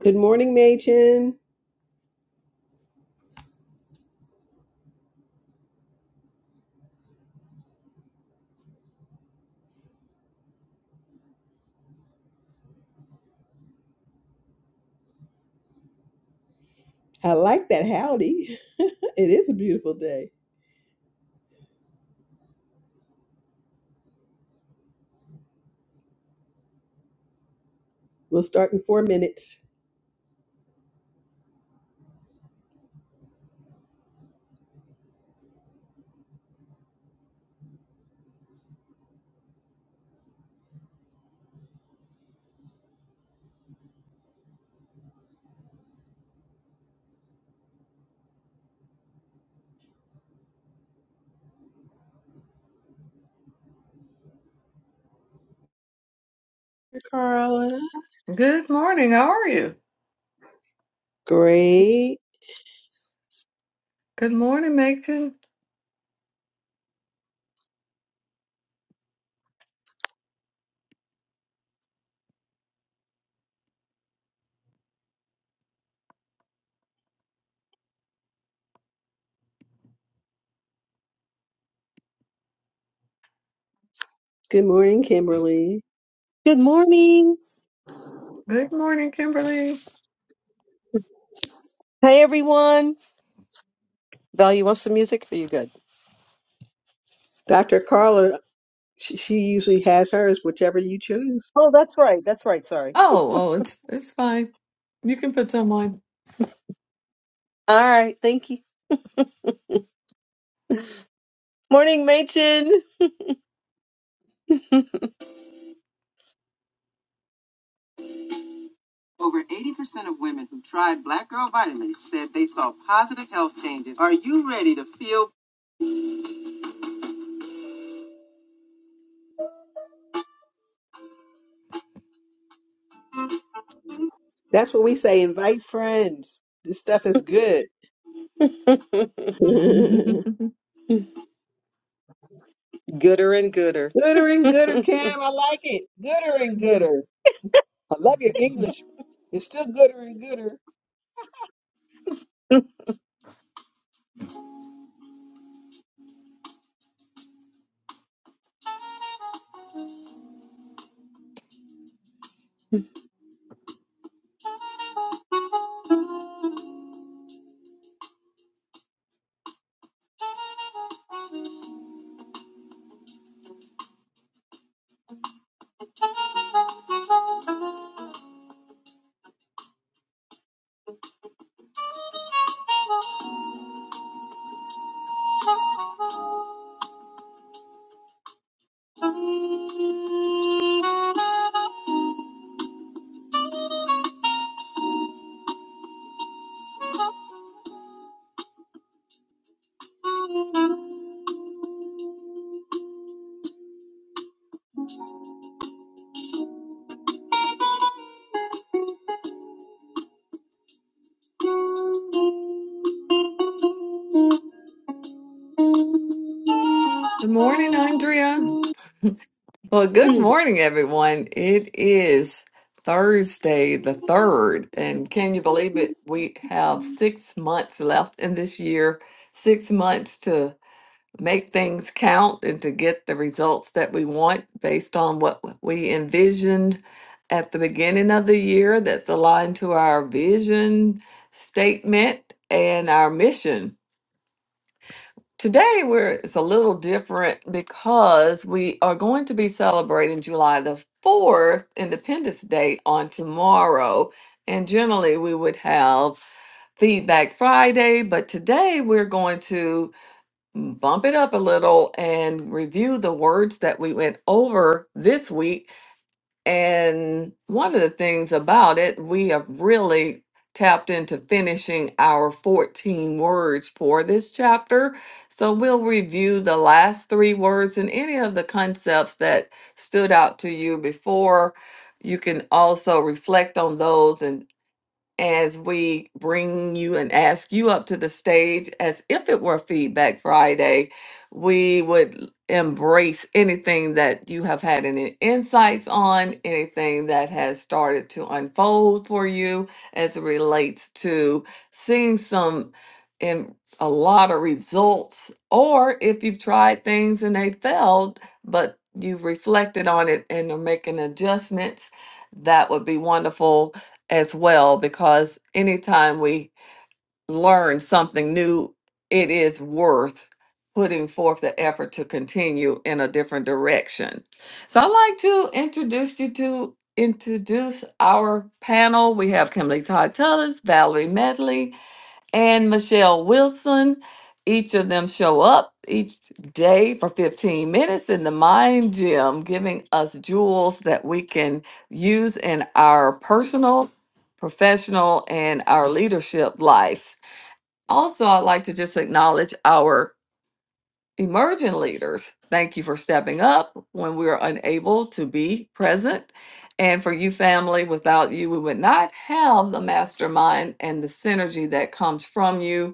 Good morning, Machen. I like that howdy. It is a beautiful day. We'll start in four minutes. Carla. Good morning. How are you? Great. Good morning, Macon. Good morning, Kimberly. Good morning. Good morning, Kimberly. Hey, everyone. Val, you want some music? Are you good? Dr. Carla She, she usually has hers, whichever you choose. Oh, that's right. That's right. Sorry. Oh, oh, it's it's fine. You can put some on. All right. Thank you. Morning, Machen. Over 80% of women who tried Black Girl Vitamins said they saw positive health changes. Are you ready to feel That's what we say. Invite friends. This stuff is good. gooder Good gooder and gooder? and gooder, Cam. I like it. Gooder and gooder. I love your English. It's still gooder and gooder. morning, Andrea. Well, good morning, everyone. It is Thursday the 3rd, and can you believe it? We have six months left in this year, six months to make things count and to get the results that we want based on what we envisioned at the beginning of the year that's aligned to our vision statement and our mission. Today we're it's a little different because we are going to be celebrating July the 4th Independence Day on tomorrow and generally we would have feedback Friday, but today we're going to bump it up a little and review the words that we went over this week. And one of the things about it, we have really tapped into finishing our 14 words for this chapter. So we'll review the last three words and any of the concepts that stood out to you before. You can also reflect on those and as we bring you and ask you up to the stage as if it were Feedback Friday. We would embrace anything that you have had any insights on, anything that has started to unfold for you as it relates to seeing some in a lot of results, or if you've tried things and they failed, but you have reflected on it and are making adjustments, that would be wonderful as well because anytime we learn something new, it is worth putting forth the effort to continue in a different direction. So I'd like to introduce you to introduce our panel. We have Kimberly Todd Tullis, Valerie Medley, and Michelle Wilson. Each of them show up each day for 15 minutes in the mind gym, giving us jewels that we can use in our personal, professional, and our leadership lives. Also, I'd like to just acknowledge our emerging leaders. Thank you for stepping up when we are unable to be present. And for you, family, without you, we would not have the mastermind and the synergy that comes from you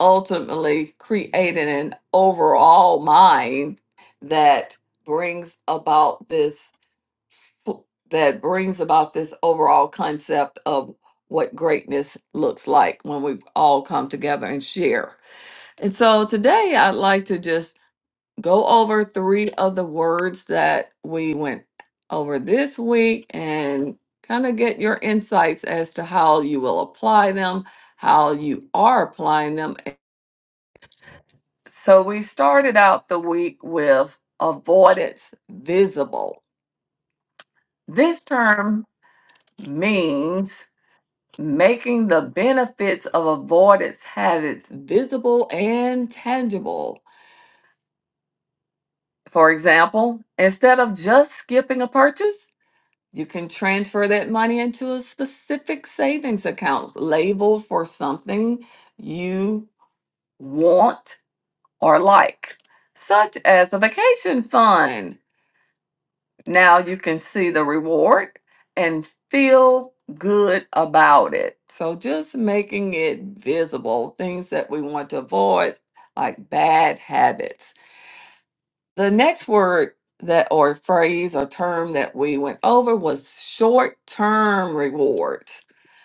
ultimately creating an overall mind that brings about this f- that brings about this overall concept of what greatness looks like when we all come together and share. And so today I'd like to just go over three of the words that we went over this week and kind of get your insights as to how you will apply them, how you are applying them so we started out the week with avoidance visible. This term means making the benefits of avoidance habits visible and tangible. For example, instead of just skipping a purchase, you can transfer that money into a specific savings account labeled for something you want or like, such as a vacation fund Now you can see the reward and feel good about it. So just making it visible, things that we want to avoid, like bad habits. The next word that or phrase or term that we went over was short term rewards.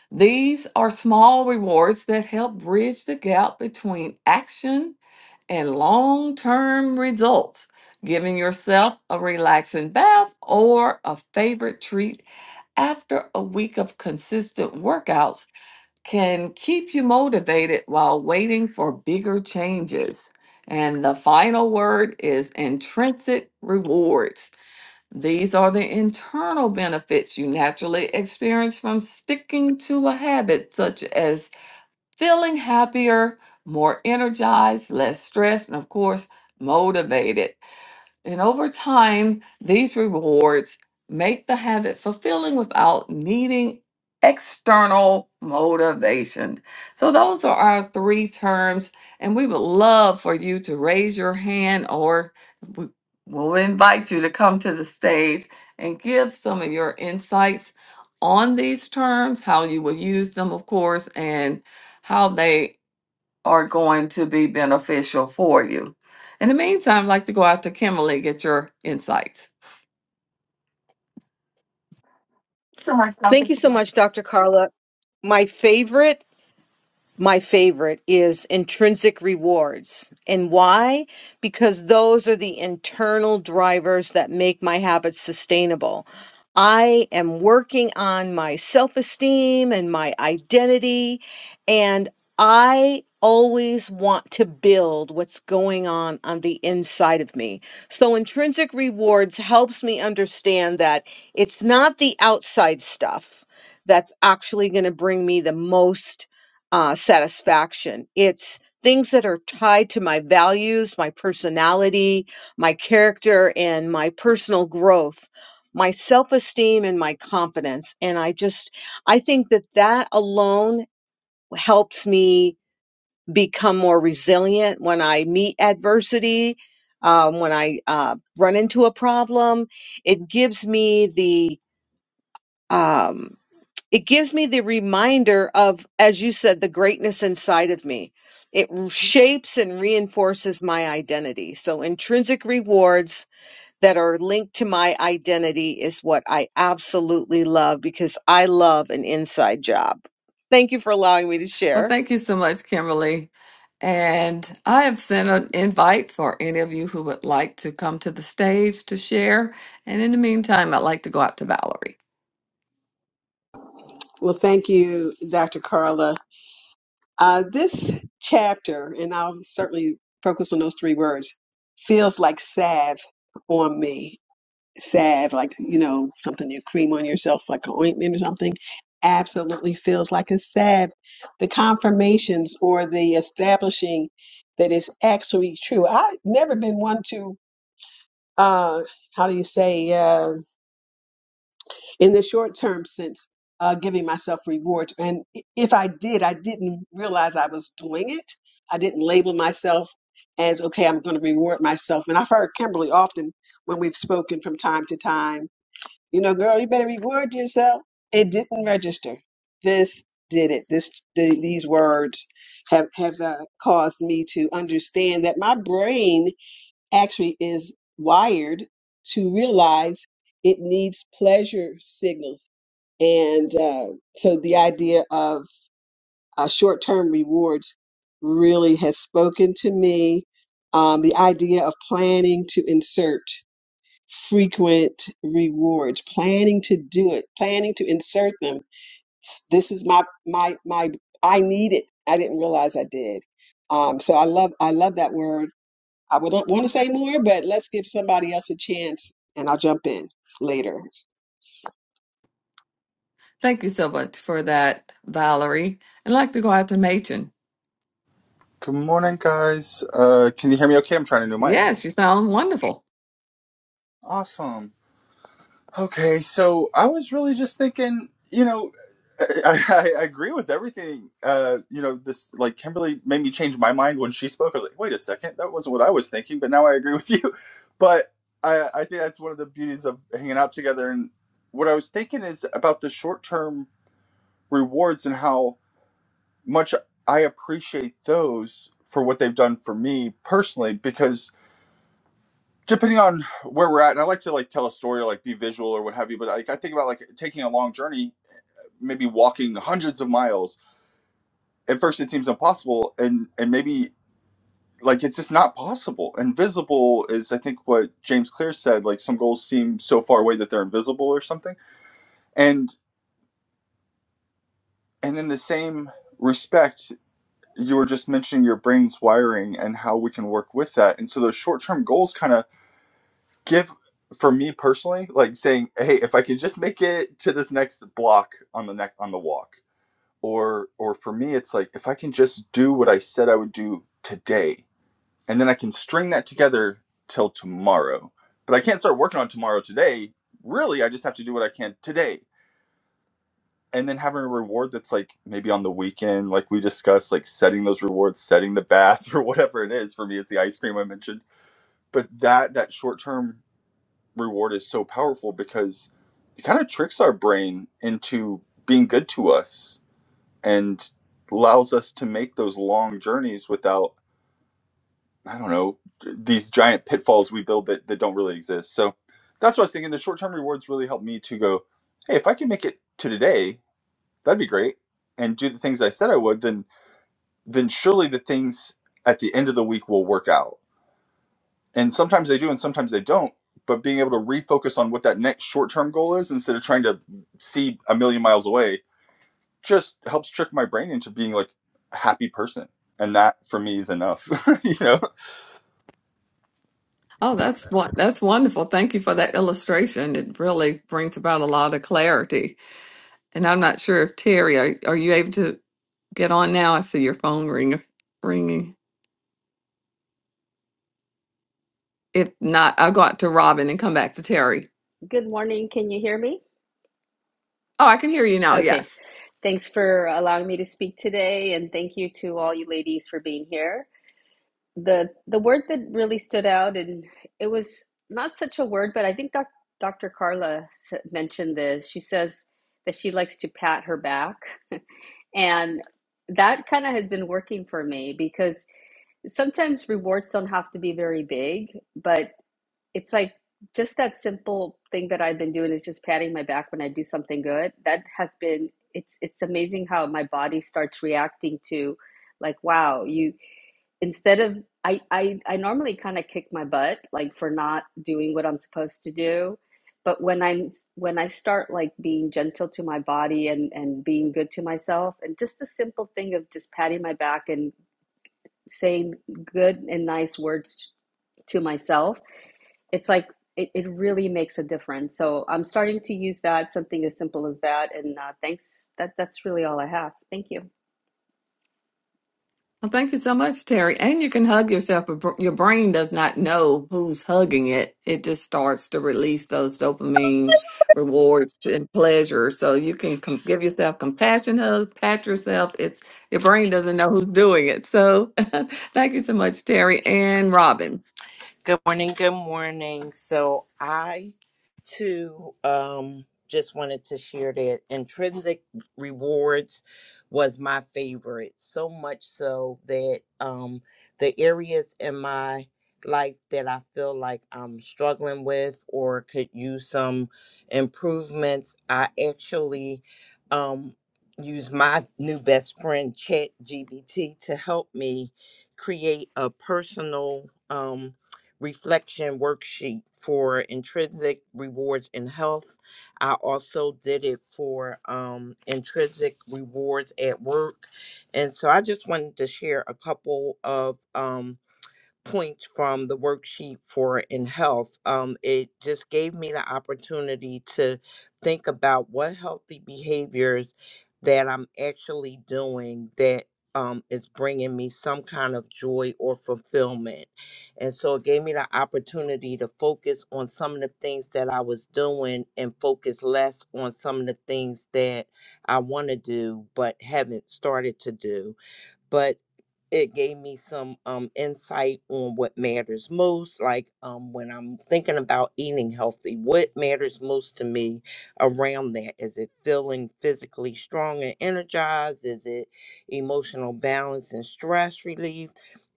These are small rewards that help bridge the gap between action and long term results. Giving yourself a relaxing bath or a favorite treat after a week of consistent workouts can keep you motivated while waiting for bigger changes. And the final word is intrinsic rewards. These are the internal benefits you naturally experience from sticking to a habit, such as feeling happier, more energized, less stressed, and of course, motivated. And over time, these rewards make the habit fulfilling without needing external motivation. So, those are our three terms. And we would love for you to raise your hand, or we- we'll invite you to come to the stage and give some of your insights on these terms, how you will use them, of course, and how they are going to be beneficial for you. In the meantime, I'd like to go out to Kimberly get your insights. Thank you so much, Dr. Carla. My favorite my favorite is intrinsic rewards. And why? Because those are the internal drivers that make my habits sustainable. I am working on my self esteem and my identity, and I always want to build what's going on on the inside of me. So, intrinsic rewards helps me understand that it's not the outside stuff that's actually going to bring me the most uh, satisfaction. It's things that are tied to my values, my personality, my character, and my personal growth, my self esteem, and my confidence. And I just, I think that that alone helps me become more resilient when I meet adversity. Um, when I uh, run into a problem, it gives me the um, it gives me the reminder of, as you said, the greatness inside of me. It shapes and reinforces my identity. So, intrinsic rewards that are linked to my identity is what I absolutely love because I love an inside job. Thank you for allowing me to Well, share. thank you so much, Kimberly. And I have sent an invite for any of you who would like to come to the stage to share. And in the meantime, I'd like to go out to Valerie. Well, thank you, Dr. Carla. Uh, this chapter, and I'll certainly focus on those three words, feels like salve on me. Salve, like, you know, something you cream on yourself, like an ointment or something, absolutely feels like a salve. The confirmations or the establishing that it's actually true. I've never been one to, uh, how do you say, uh, in the short term sense, uh, giving myself rewards. And i- if I did, I didn't realize I was doing it. I didn't label myself as, okay, I'm going to reward myself. And I've heard Kimberly often when we've spoken from time to time, you know, girl, you better reward yourself. It didn't register. This did it. This the, these words have have uh, caused me to understand that my brain actually is wired to realize it needs pleasure signals. And uh, so the idea of uh, short term rewards really has spoken to me. Um, the idea of planning to insert frequent rewards, planning to do it, planning to insert them. This is my, my, my, I need it. I didn't realize I did. Um, so I love, I love that word I would want to say more, but let's give somebody else a chance and I'll jump in later. Thank you so much for that, Valerie. I'd like to go out to Machen. Good morning, guys. Uh, can you hear me okay? I'm trying a new mic. Yes, you sound wonderful. Awesome. Okay, so I was really just thinking, you know, I, I, I agree with everything. Uh, you know, this like Kimberly made me change my mind when she spoke. I was like, wait a second, that wasn't what I was thinking, but now I agree with you. But I, I think that's one of the beauties of hanging out together. And what I was thinking is about the short term rewards and how much I appreciate those for what they've done for me personally, because depending on where we're at and i like to like tell a story or like be visual or what have you but like i think about like taking a long journey maybe walking hundreds of miles at first it seems impossible and and maybe like it's just not possible invisible is i think what james clear said like some goals seem so far away that they're invisible or something and and in the same respect you were just mentioning your brain's wiring and how we can work with that and so those short-term goals kind of give for me personally like saying hey if i can just make it to this next block on the neck on the walk or or for me it's like if i can just do what i said i would do today and then i can string that together till tomorrow but i can't start working on tomorrow today really i just have to do what i can today and then having a reward that's like maybe on the weekend like we discussed like setting those rewards setting the bath or whatever it is for me it's the ice cream i mentioned but that that short term reward is so powerful because it kind of tricks our brain into being good to us and allows us to make those long journeys without i don't know these giant pitfalls we build that, that don't really exist so that's what i was thinking the short-term rewards really helped me to go hey if i can make it to today that'd be great and do the things i said i would then then surely the things at the end of the week will work out and sometimes they do and sometimes they don't but being able to refocus on what that next short-term goal is instead of trying to see a million miles away just helps trick my brain into being like a happy person and that for me is enough you know Oh, that's won- that's wonderful. Thank you for that illustration. It really brings about a lot of clarity And I'm not sure if Terry, are, are you able to get on now? I see your phone ring, ringing. If not, I'll go out to Robin and come back to Terry. Good morning. Can you hear me? Oh, I can hear you now. Okay. Yes. Thanks for allowing me to speak today, and thank you to all you ladies for being here. The the word that really stood out, and it was not such a word, but I think doc, Dr. Carla mentioned this. She says that she likes to pat her back, and that kind of has been working for me because sometimes rewards don't have to be very big, but it's like just that simple thing that I've been doing is just patting my back when I do something good. That has been it's it's amazing how my body starts reacting to like wow, you instead of I I I normally kind of kick my butt like for not doing what I'm supposed to do. But when I'm when I start like being gentle to my body and and being good to myself and just the simple thing of just patting my back and saying good and nice words to myself it's like it, it really makes a difference. So I'm starting to use that, something as simple as that. And uh, thanks. That that's really all I have. Thank you. Well, thank you so much, Terry. And you can hug yourself, but br- your brain does not know who's hugging it. It just starts to release those dopamine rewards and pleasure. So you can com- give yourself compassion hugs, pat yourself. It's your brain doesn't know who's doing it. So thank you so much, Terry and Robin. Good morning. Good morning. So I too um just wanted to share that intrinsic rewards was my favorite. So much so that um the areas in my life that I feel like I'm struggling with or could use some improvements, I actually um use my new best friend chat GBT to help me create a personal um reflection worksheet for intrinsic rewards in health. I also did it for um, intrinsic rewards at work. And so I just wanted to share a couple of um points from the worksheet for in health um, it just gave me the opportunity to think about what healthy behaviors that i'm actually doing that um, is bringing me some kind of joy or fulfillment and so it gave me the opportunity to focus on some of the things that i was doing and focus less on some of the things that i want to do but haven't started to do but it gave me some um, insight on what matters most. Like um, when I'm thinking about eating healthy, what matters most to me around that? Is it feeling physically strong and energized? Is it emotional balance and stress relief?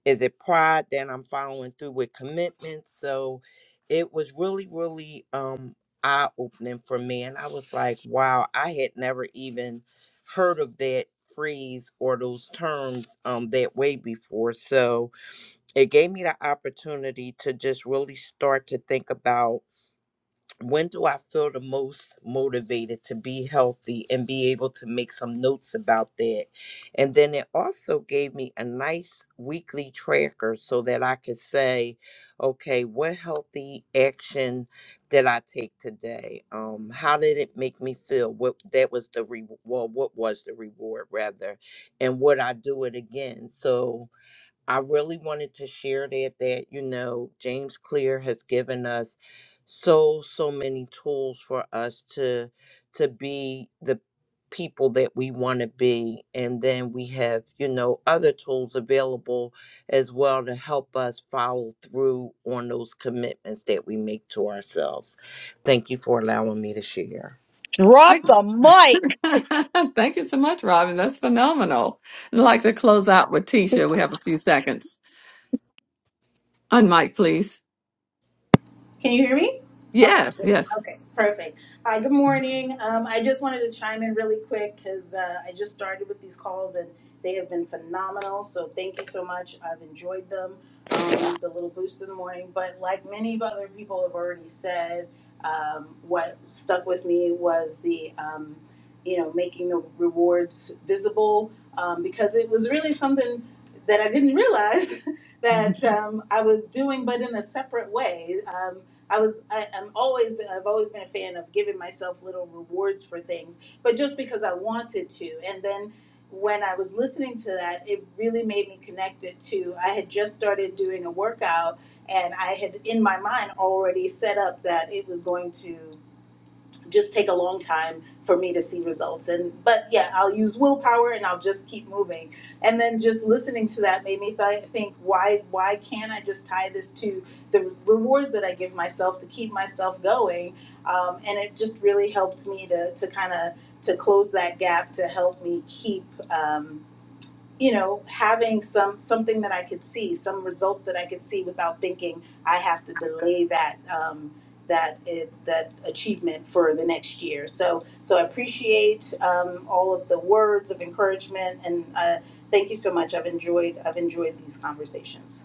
Is it pride that I'm following through with commitments? So it was really, really um, eye opening for me. And I was like, wow, I had never even heard of that phrase or those terms um that way before so it gave me the opportunity to just really start to think about when do I feel the most motivated to be healthy and be able to make some notes about that? And then it also gave me a nice weekly tracker so that I could say, okay, what healthy action did I take today? Um, how did it make me feel? What that was the re well, what was the reward rather? And would I do it again? So I really wanted to share that that you know James Clear has given us so so many tools for us to to be the people that we want to be and then we have you know other tools available as well to help us follow through on those commitments that we make to ourselves. Thank you for allowing me to share. Drop Thank the mic. thank you so much, Robin. That's phenomenal. I'd like to close out with Tisha. We have a few seconds. Unmic, please. Can you hear me? Okay. Yes, yes. Okay. Perfect. Hi. Good morning. Um, I just wanted to chime in really quick because uh, I just started with these calls and they have been phenomenal. So thank you so much. I've enjoyed them. Um, the little boost in the morning, but like many of other people have already said, um, what stuck with me was the um, you know making the rewards visible um, because it was really something that I didn't realize that um, I was doing, but in a separate way. Um, I was I, I'm always been I've always been a fan of giving myself little rewards for things, but just because I wanted to. And then when I was listening to that, it really made me connect it to I had just started doing a workout and I had in my mind already set up that it was going to just take a long time for me to see results and but yeah i'll use willpower and i'll just keep moving and then just listening to that made me th- think why why can't i just tie this to the rewards that i give myself to keep myself going um, and it just really helped me to to kind of to close that gap to help me keep um, you know having some something that i could see some results that i could see without thinking i have to delay that um, that it, that achievement for the next year so so i appreciate um, all of the words of encouragement and uh, thank you so much i've enjoyed i've enjoyed these conversations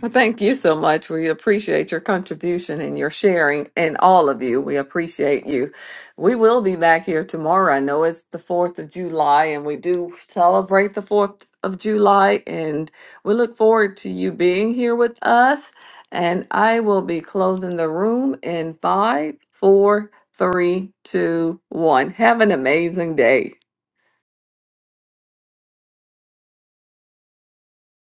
Well, thank you so much. We appreciate your contribution and your sharing, and all of you. We appreciate you. We will be back here tomorrow. I know it's the 4th of July, and we do celebrate the 4th of July, and we look forward to you being here with us. And I will be closing the room in five, four, three, two, one. Have an amazing day.